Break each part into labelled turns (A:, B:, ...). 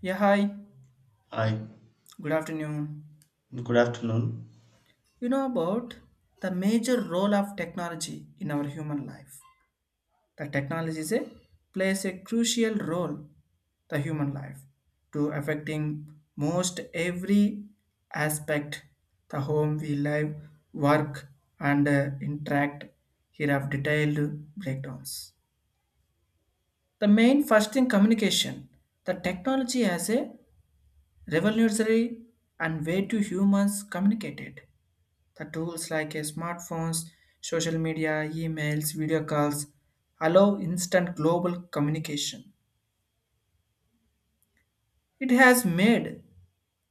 A: Yeah, hi.
B: Hi,
A: Good afternoon.
B: good afternoon.
A: You know about the major role of technology in our human life. The technology is a, plays a crucial role the human life to affecting most every aspect the home we live, work and interact here have detailed breakdowns. The main first thing communication. The technology has a revolutionary and way to humans communicated. The tools like a smartphones, social media, emails, video calls allow instant global communication. It has made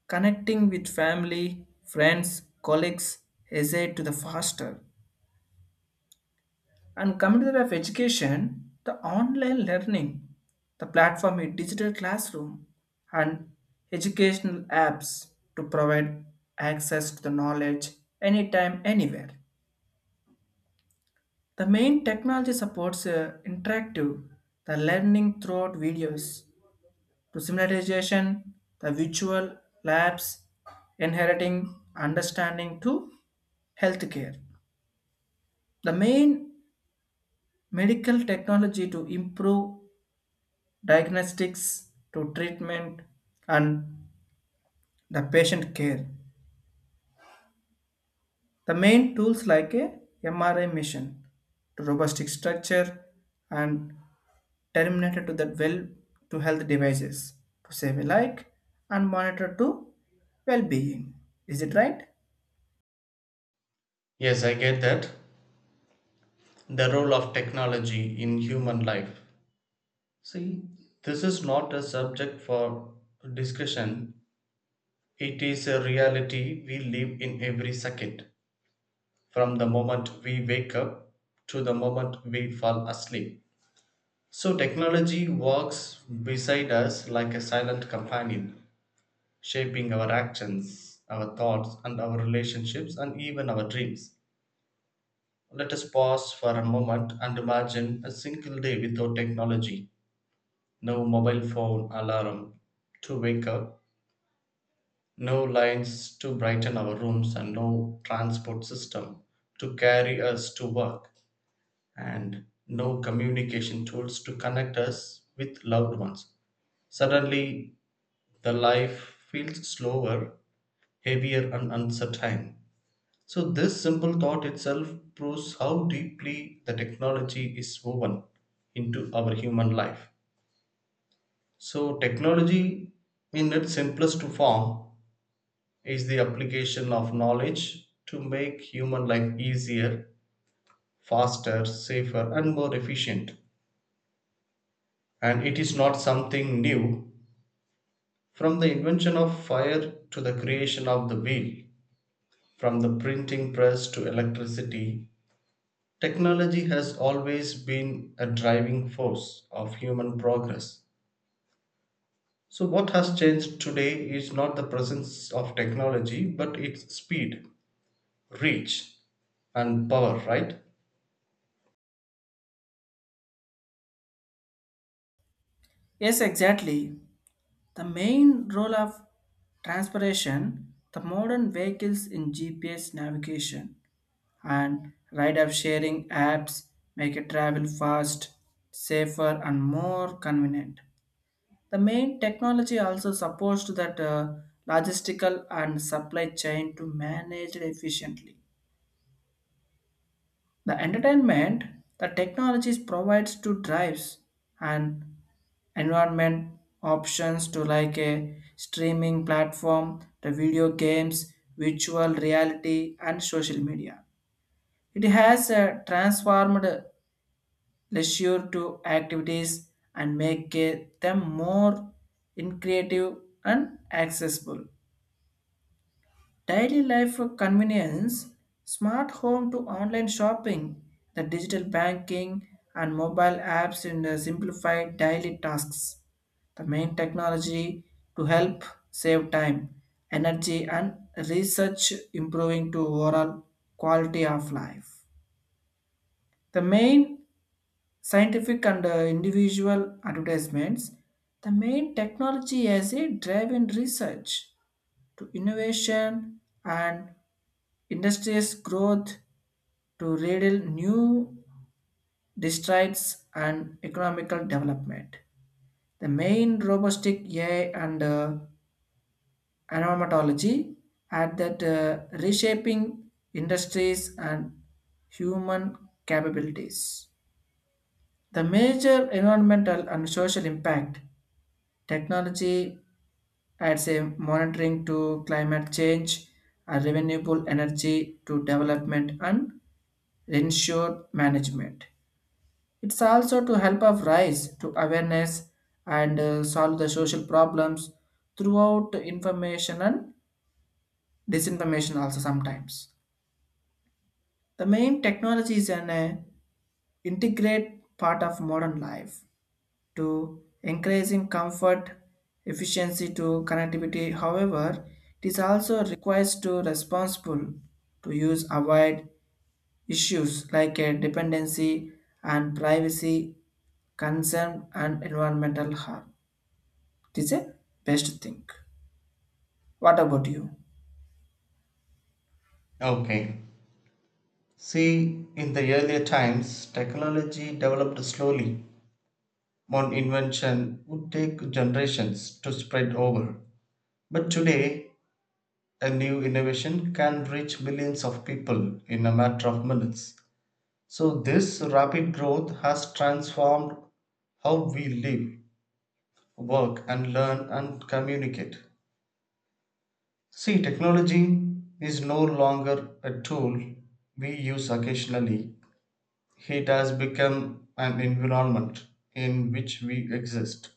A: connecting with family, friends, colleagues easier to the faster. And coming to the of education, the online learning, the platform is digital classroom and educational apps to provide access to the knowledge anytime, anywhere. The main technology supports interactive, the learning throughout videos, to simularization, the virtual labs, inheriting, understanding to healthcare. The main medical technology to improve diagnostics to treatment and the patient care. The main tools like a MRI machine to robotic structure and terminated to the well to health devices to save a like and monitor to well-being, is it right?
B: Yes, I get that. The role of technology in human life. See, this is not a subject for discussion, it is a reality we live in every second, from the moment we wake up to the moment we fall asleep. So, technology walks beside us like a silent companion, shaping our actions, our thoughts, and our relationships, and even our dreams. Let us pause for a moment and imagine a single day without technology. No mobile phone alarm to wake up, no lights to brighten our rooms, and no transport system to carry us to work, and no communication tools to connect us with loved ones. Suddenly, the life feels slower, heavier, and uncertain. So this simple thought itself proves how deeply the technology is woven into our human life. So technology in its simplest form is the application of knowledge to make human life easier, faster, safer and more efficient. And it is not something new. From the invention of fire to the creation of the wheel, from the printing press to electricity, technology has always been a driving force of human progress. So, what has changed today is not the presence of technology, but its speed, reach, and power, right?
A: Yes, exactly. The main role of transportation, the modern vehicles in GPS navigation and ride of sharing apps make it travel fast, safer and more convenient. The main technology also supports that logistical and supply chain to manage it efficiently. The entertainment, the technologies provides to drives and environment options to like a streaming platform, the video games, virtual reality, and social media. It has transformed leisure to activities and make them more in creative and accessible. Daily life for convenience, smart home to online shopping, the digital banking and mobile apps in the simplified daily tasks. The main technology to help save time, energy and research improving to overall quality of life. The main scientific and individual advertisements, the main technology as a drive in research to innovation and industries growth to riddle new districts and economical development. The main robotic AI and anomatology had that reshaping industries and human capabilities. The major environmental and social impact technology adds a monitoring to climate change and renewable energy to development and ensure management. It's also to help us rise to awareness and solve the social problems throughout information and disinformation also sometimes. The main technology is an integrate part of modern life to increasing comfort, efficiency to connectivity. However, it is also requires to responsible to use avoid issues like dependency and privacy concern and environmental harm. It is a best thing. What about you?
B: Okay. See, in the earlier times, technology developed slowly. One invention would take generations to spread over. But today, a new innovation can reach millions of people in a matter of minutes. So, this rapid growth has transformed how we live, work, and learn and communicate. See, technology is no longer a tool we use occasionally, it has become an environment in which we exist.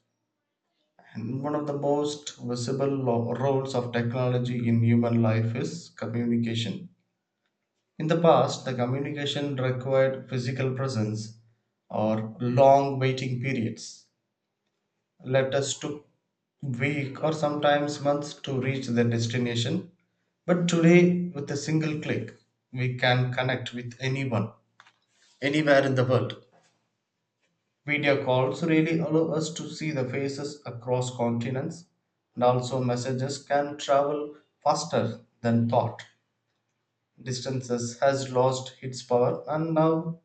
B: And one of the most visible roles of technology in human life is communication. In the past, the communication required physical presence or long waiting periods. Letters took week or sometimes months to reach their destination. But today, with a single click, we can connect with anyone, anywhere in the world. Video calls really allow us to see the faces across continents, and also messages can travel faster than thought. Distances has lost its power, and now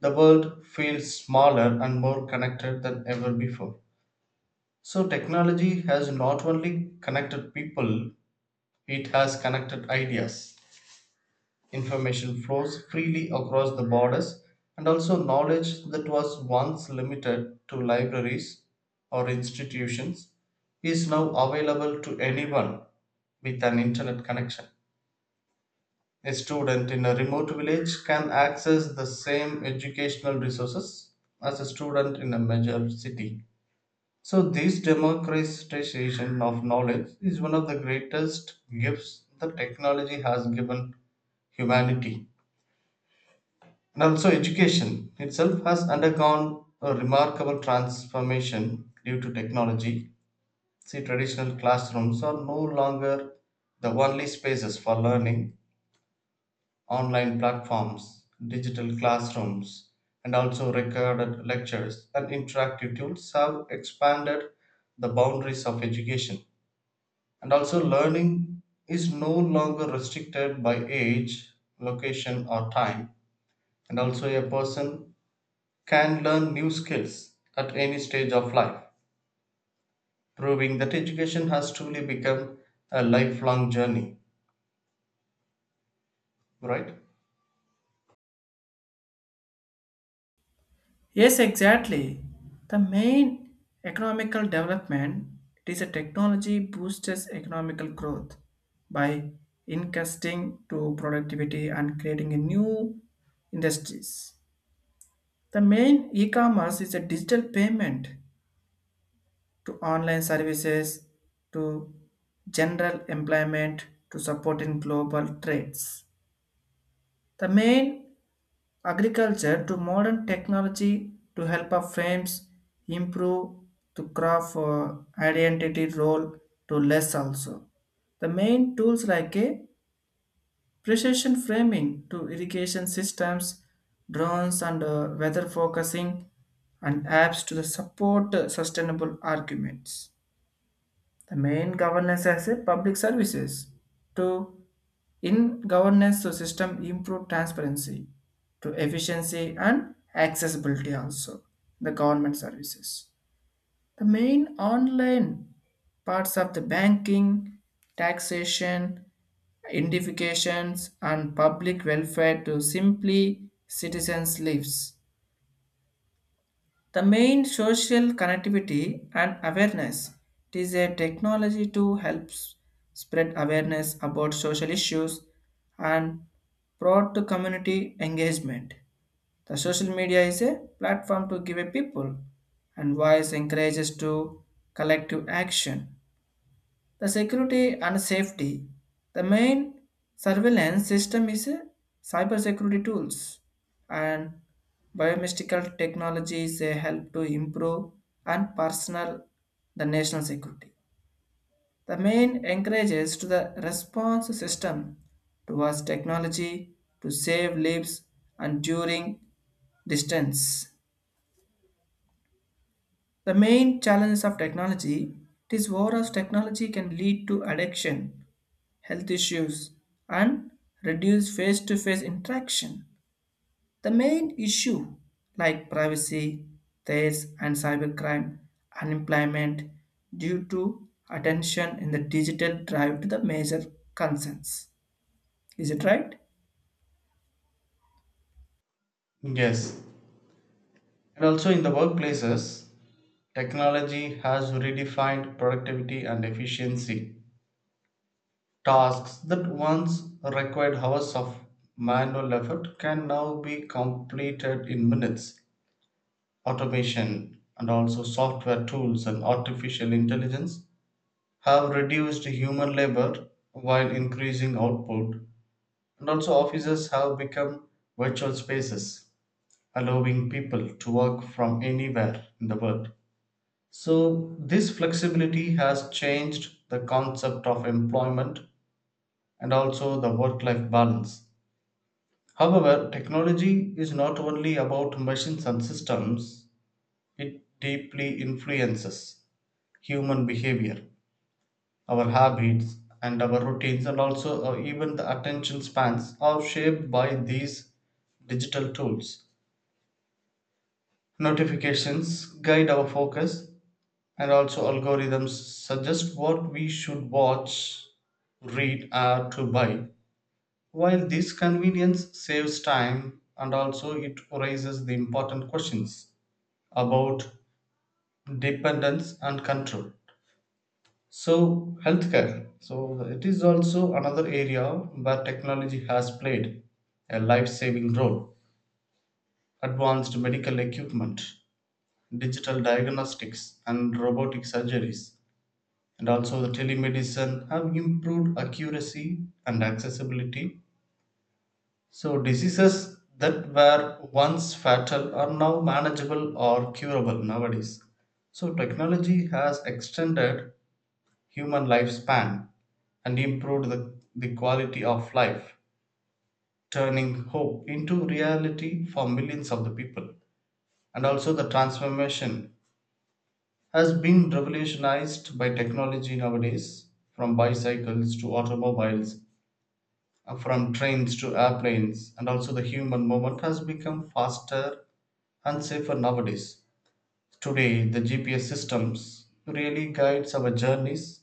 B: the world feels smaller and more connected than ever before. So, technology has not only connected people, it has connected ideas. Information flows freely across the borders, and also knowledge that was once limited to libraries or institutions is now available to anyone with an internet connection. A student in a remote village can access the same educational resources as a student in a major city. So, this democratization of knowledge is one of the greatest gifts that technology has given humanity. And also, education itself has undergone a remarkable transformation due to technology. See, traditional classrooms are no longer the only spaces for learning. Online platforms, digital classrooms, and also recorded lectures and interactive tools have expanded the boundaries of education. And also, learning is no longer restricted by age, location, or time. And also, a person can learn new skills at any stage of life, proving that education has truly become a lifelong journey, right?
A: Yes, exactly. The main economical development, it is a technology boosts economical growth by incasting to productivity and creating a new industries. The main e-commerce is a digital payment to online services to general employment to support in global trades. The main agriculture to modern technology to help our firms improve to craft identity role to less also. The main tools like a precision framing to irrigation systems, drones and weather focusing and apps to the support sustainable arguments. The main governance as a public services to in governance, so system improve transparency to efficiency and accessibility also. The government services. The main online parts of the banking, taxation, identifications and public welfare to simply citizens' lives. The main social connectivity and awareness. It is a technology to help spread awareness about social issues and promote to community engagement. The social media is a platform to give a people and voice encourages to collective action. The security and safety. The main surveillance system is a cybersecurity tools and biomedical technologies, they help to improve and personal the national security. The main encourages to the response system towards technology to save lives and during distance. The main challenges of technology, it is war of technology can lead to addiction, health issues, and reduce face to face interaction. The main issue, like privacy, theft, and cybercrime, unemployment, due to attention in the digital drive to the major concerns. Is it right?
B: Yes. And also, in the workplaces, technology has redefined productivity and efficiency. Tasks that once required hours of manual effort can now be completed in minutes. Automation and also software tools and artificial intelligence have reduced human labor while increasing output, and also offices have become virtual spaces, allowing people to work from anywhere in the world. So this flexibility has changed the concept of employment and also the work life balance. However, technology is not only about machines and systems, it deeply influences human behavior, our habits, and our routines, and also even the attention spans are shaped by these digital tools. Notifications guide our focus, and also algorithms suggest what we should watch, read, or to buy. While this convenience saves time, and also it raises the important questions about dependence and control. So, healthcare. So, it is also another area where technology has played a life saving role. Advanced medical equipment, digital diagnostics, and robotic surgeries, and also the telemedicine have improved accuracy and accessibility. So, diseases that were once fatal are now manageable or curable nowadays. So, technology has extended human lifespan and improved the quality of life, turning hope into reality for millions of the people. And also, the transformation has been revolutionized by technology nowadays, from bicycles to automobiles, from trains to airplanes, and also the human movement has become faster and safer nowadays. Today, the GPS systems really guides our journeys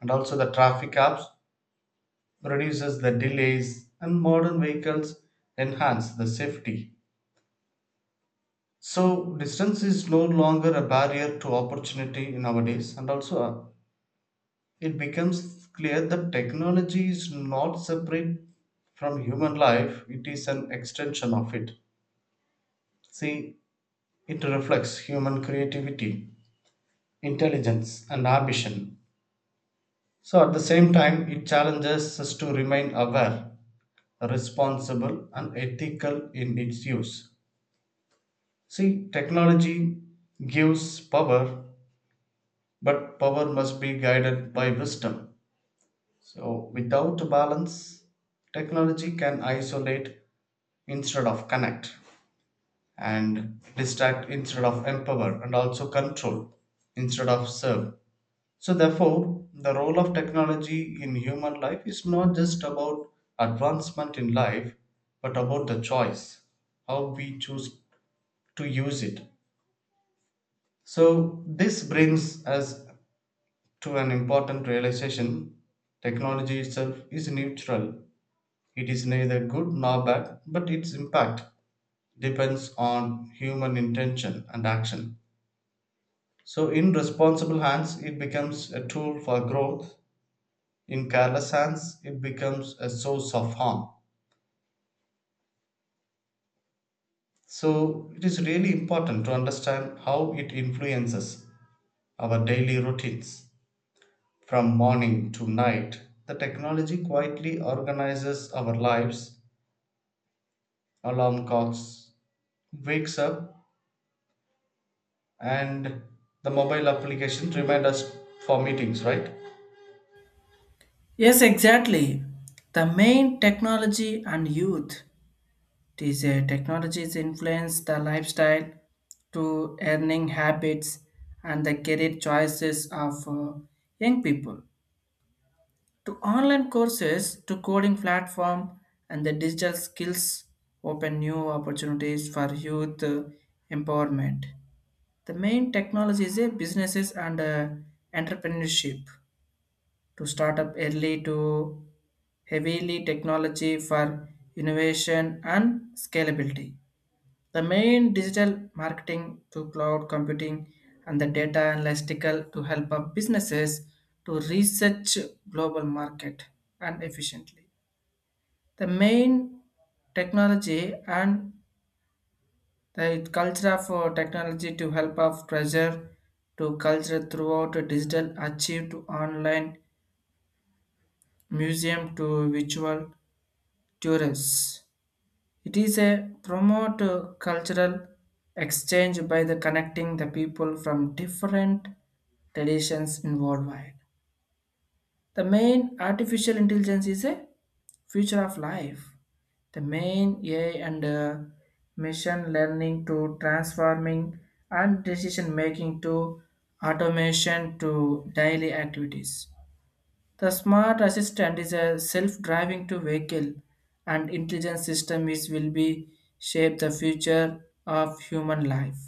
B: and also the traffic apps reduces the delays, and modern vehicles enhance the safety. So, distance is no longer a barrier to opportunity nowadays, and also it becomes clear that technology is not separate from human life, it is an extension of it. See, it reflects human creativity, intelligence, and ambition. So, at the same time, it challenges us to remain aware, responsible, and ethical in its use. See, technology gives power, but power must be guided by wisdom. So, without balance, technology can isolate instead of connect, and distract instead of empower, and also control instead of serve. So, therefore, the role of technology in human life is not just about advancement in life, but about the choice, how we choose to use it. So, this brings us to an important realization. Technology itself is neutral. It is neither good nor bad, but its impact depends on human intention and action. So, in responsible hands, it becomes a tool for growth. In careless hands, it becomes a source of harm. So, it is really important to understand how it influences our daily routines. From morning to night the technology quietly organizes our lives. Alarm clocks wakes up and the mobile application remind us for meetings, right?
A: Yes, exactly. The main technology and youth. These technologies influence the lifestyle to earning habits and the career choices of young people. To online courses to coding platform and the digital skills open new opportunities for youth empowerment. The main technology is a businesses and entrepreneurship to start up early to heavily technology for innovation and scalability. The main digital marketing to cloud computing and the data analytical to help up businesses to research global market and efficiently. The main technology and the culture of technology to help up treasure to culture throughout a digital achieve to online museum to virtual tourists. It is a promote cultural exchange by the connecting the people from different traditions in worldwide. The main artificial intelligence is a future of life. The main AI and machine learning to transforming and decision making to automation to daily activities. The smart assistant is a self-driving to vehicle and intelligent system is will be shape the future of human life.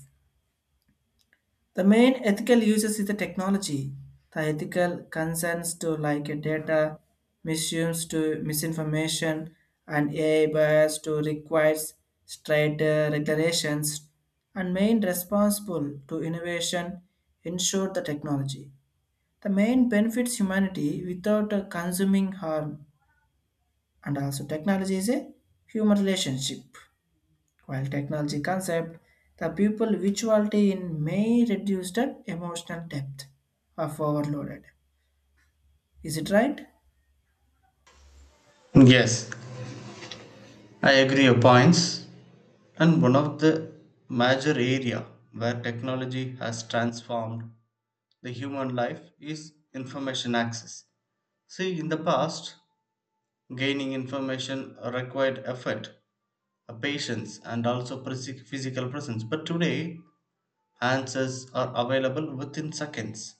A: The main ethical uses is the technology. The ethical concerns to like a data misuse to misinformation and AI bias to requires straight regulations and main responsible to innovation ensure the technology. The main benefits humanity without consuming harm, and also technology is a human relationship while technology concept the people virtuality in may reduce the emotional depth of overloaded. Is it right?
B: Yes, I agree your points. And one of the major area where technology has transformed the human life is information access. See, in the past, gaining information required effort, patience and also physical presence. But today, answers are available within seconds.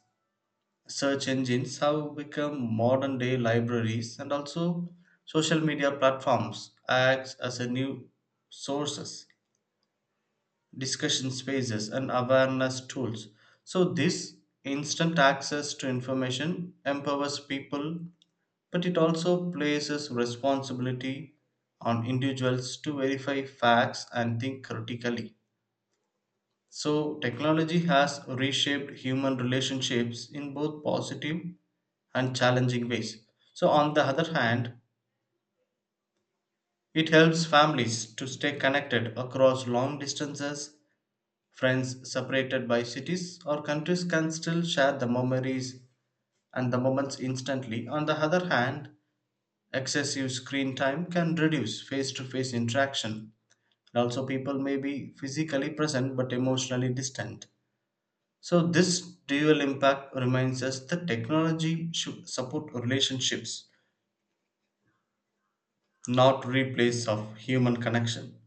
B: Search engines have become modern day libraries, and also social media platforms acts as a new sources, discussion spaces, and awareness tools. So, this instant access to information empowers people, but it also places responsibility on individuals to verify facts and think critically. So, technology has reshaped human relationships in both positive and challenging ways. So, on the other hand, it helps families to stay connected across long distances. Friends separated by cities or countries can still share the memories and the moments instantly. On the other hand, excessive screen time can reduce face to face interaction. And also, people may be physically present but emotionally distant. So, this dual impact reminds us that technology should support relationships, not replace of human connection.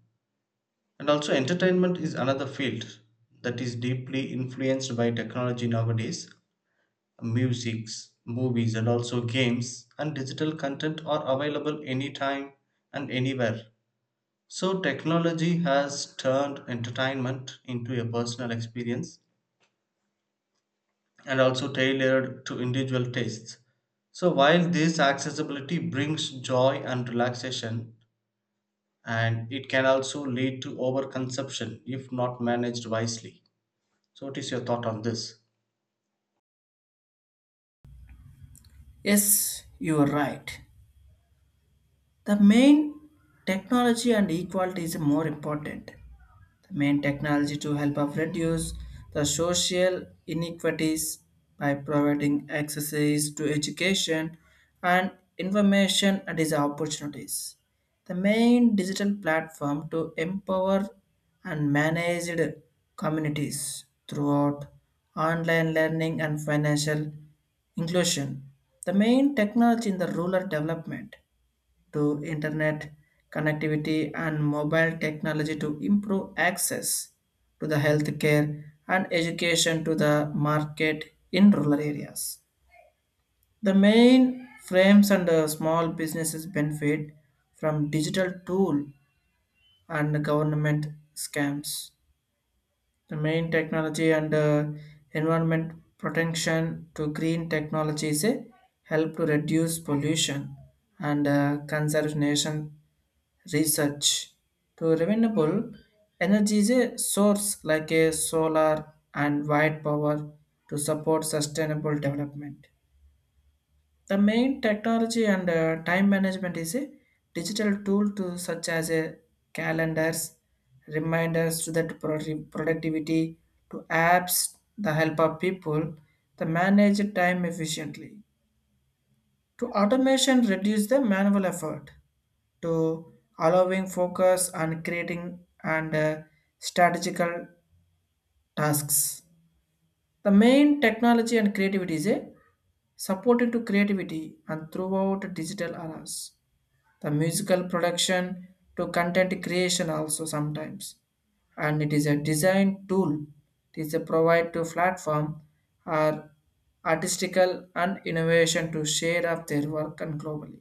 B: And also, entertainment is another field that is deeply influenced by technology nowadays. Musics, movies, and also games and digital content are available anytime and anywhere. So, technology has turned entertainment into a personal experience and also tailored to individual tastes. So, while this accessibility brings joy and relaxation, and it can also lead to overconsumption if not managed wisely. So, what is your thought on this?
A: Yes, you are right. The main technology and equality is more important. The main technology to help of reduce the social inequities by providing access to education and information and its opportunities. The main digital platform to empower and manage communities throughout online learning and financial inclusion. The main technology in the rural development to internet connectivity and mobile technology to improve access to the healthcare and education to the market in rural areas. The main frames and small businesses benefit from digital tool and government scams. The main technology and environment protection to green technologies, help to reduce pollution and conservation research to renewable energy is a source like a solar and white power to support sustainable development. The main technology and time management is a digital tool to such as a calendars, reminders to that productivity, to apps that help of people to manage time efficiently. To automation reduce the manual effort to allowing focus on creating and strategical tasks. The main technology and creativity is a supporting to creativity and throughout digital eras. The musical production to content creation also sometimes and it is a design tool, it is a provide to platform or artistical and innovation to share of their work and globally.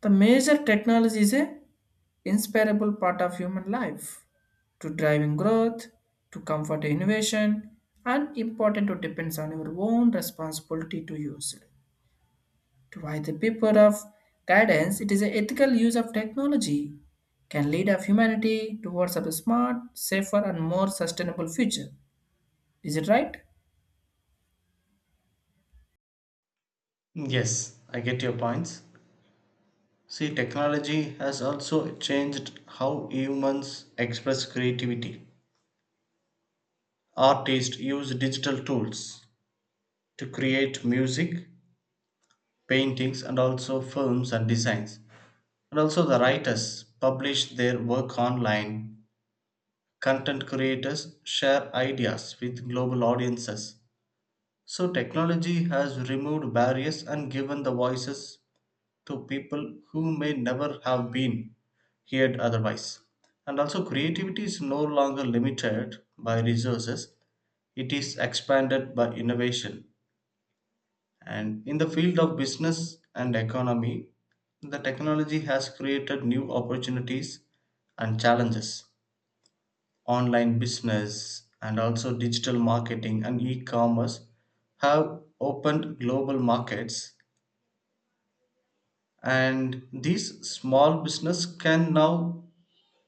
A: The major technology is a inseparable part of human life to driving growth to comfort innovation and important to depends on your own responsibility to use it. Why the paper of guidance, it is an ethical use of technology, can lead of humanity towards a smart, safer, and more sustainable future. Is it right?
B: Yes, I get your points. See, technology has also changed how humans express creativity. Artists use digital tools to create music, paintings, and also films and designs. And also, the writers publish their work online. Content creators share ideas with global audiences. So, technology has removed barriers and given the voices to people who may never have been heard otherwise. And also, creativity is no longer limited by resources, it is expanded by innovation. And in the field of business and economy, the technology has created new opportunities and challenges. Online business and also digital marketing and e commerce have opened global markets, and these small business can now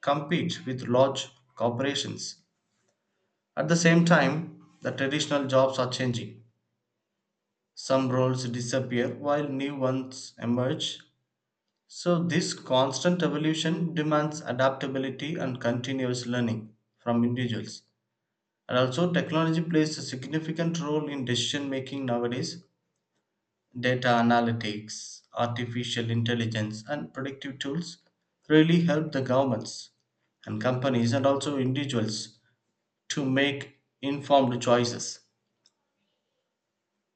B: compete with large corporations. At the same time, the traditional jobs are changing. Some roles disappear while new ones emerge. So, this constant evolution demands adaptability and continuous learning from individuals. And also, technology plays a significant role in decision making nowadays. Data analytics, artificial intelligence, and predictive tools really help the governments and companies and also individuals to make informed choices.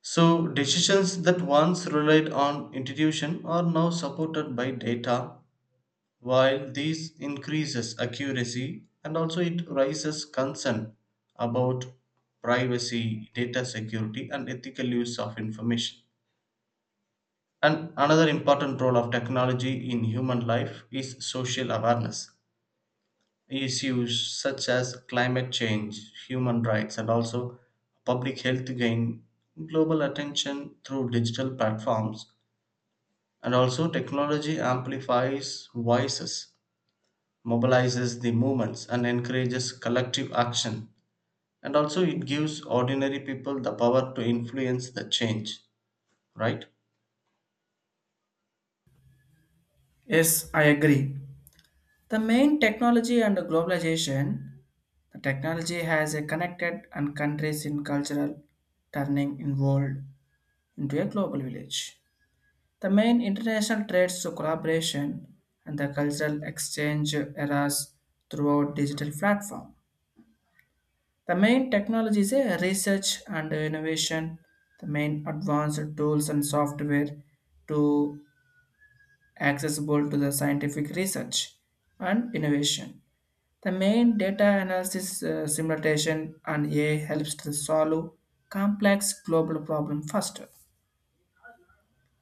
B: So, decisions that once relied on intuition are now supported by data, while this increases accuracy and also it raises concern about privacy, data security, and ethical use of information. And another important role of technology in human life is social awareness. Issues such as climate change, human rights, and also public health gain global attention through digital platforms. And also, technology amplifies voices, mobilizes the movements, and encourages collective action. And also, it gives ordinary people the power to influence the change, right?
A: Yes, I agree. The main technology and globalization, the technology has a connected and countries in cultural turning in world into a global village. The main international trades to collaboration and the cultural exchange eras throughout digital platform. The main technology is a research and innovation, the main advanced tools and software to accessible to the scientific research and innovation. The main data analysis simulation and AI helps to solve complex global problem faster.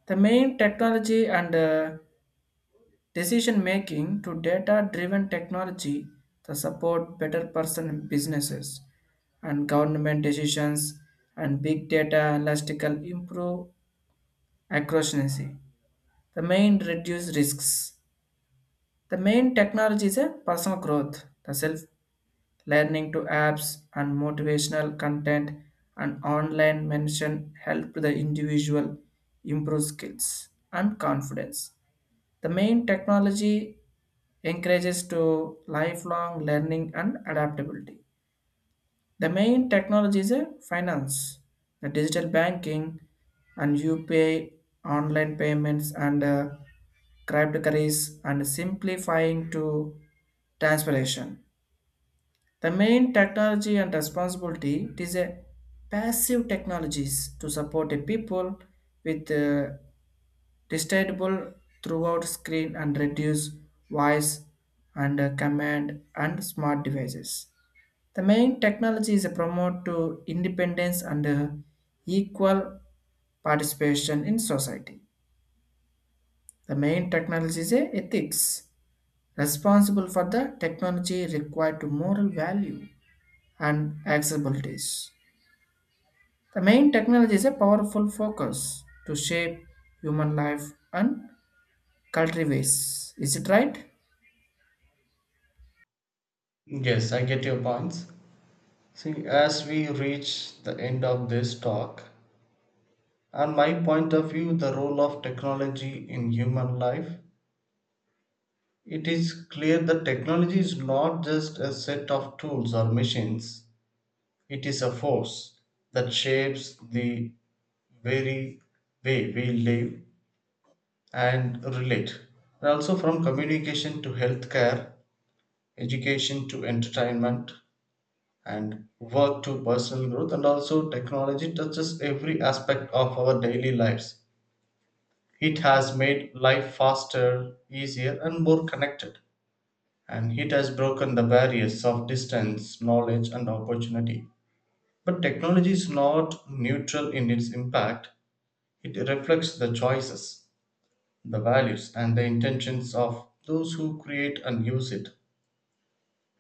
A: The main technology and decision making to data driven technology to support better person businesses and government decisions and big data analytical improve accuracy. The main reduce risks. The main technology is a personal growth, the self learning to apps and motivational content and online mention help the individual improve skills and confidence. The main technology encourages to lifelong learning and adaptability. The main technology is a finance, the digital banking, and UPI, online payments, and cryptocurrencies, and simplifying to transpiration. The main technology and responsibility, it is a passive technologies to support a people with distractible throughout screen and reduce voice and command and smart devices. The main technology is a promote to independence and equal participation in society. The main technology is a ethics, responsible for the technology required to moral value and accessibilities. The main technology is a powerful focus to shape human life and cultivates. Is it right?
B: Yes, I get your points. See, as we reach the end of this talk, on my point of view the role of technology in human life, it is clear that technology is not just a set of tools or machines, it is a force that shapes the very way we live and relate, and also from communication to healthcare, education to entertainment, and work to personal growth, and also technology touches every aspect of our daily lives. It has made life faster, easier, and more connected, and it has broken the barriers of distance, knowledge, and opportunity. But technology is not neutral in its impact, it reflects the choices, the values, and the intentions of those who create and use it.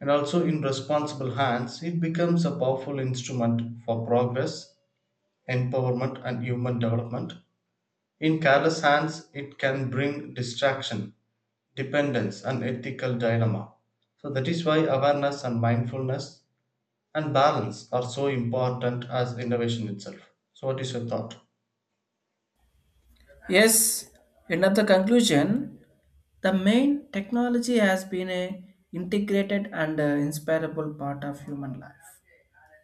B: And also, in responsible hands, it becomes a powerful instrument for progress, empowerment, and human development. In careless hands, it can bring distraction, dependence and ethical dilemma. So that is why awareness and mindfulness and balance are so important as innovation itself. So what is your thought?
A: Yes, end of the conclusion, the main technology has been a integrated and inseparable part of human life,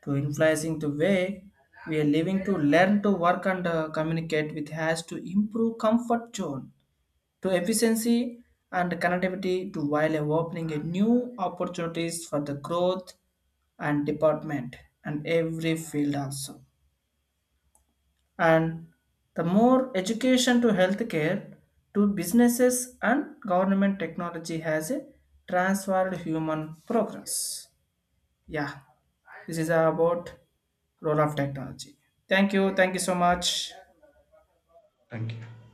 A: to influencing the way we are living to learn to work and communicate with has to improve comfort zone to efficiency and connectivity to while opening a new opportunities for the growth and department and every field also and the more education to healthcare to businesses and government technology has a transformed human progress. Yeah, this is about role of technology. Thank you, thank you so much.
B: Thank you.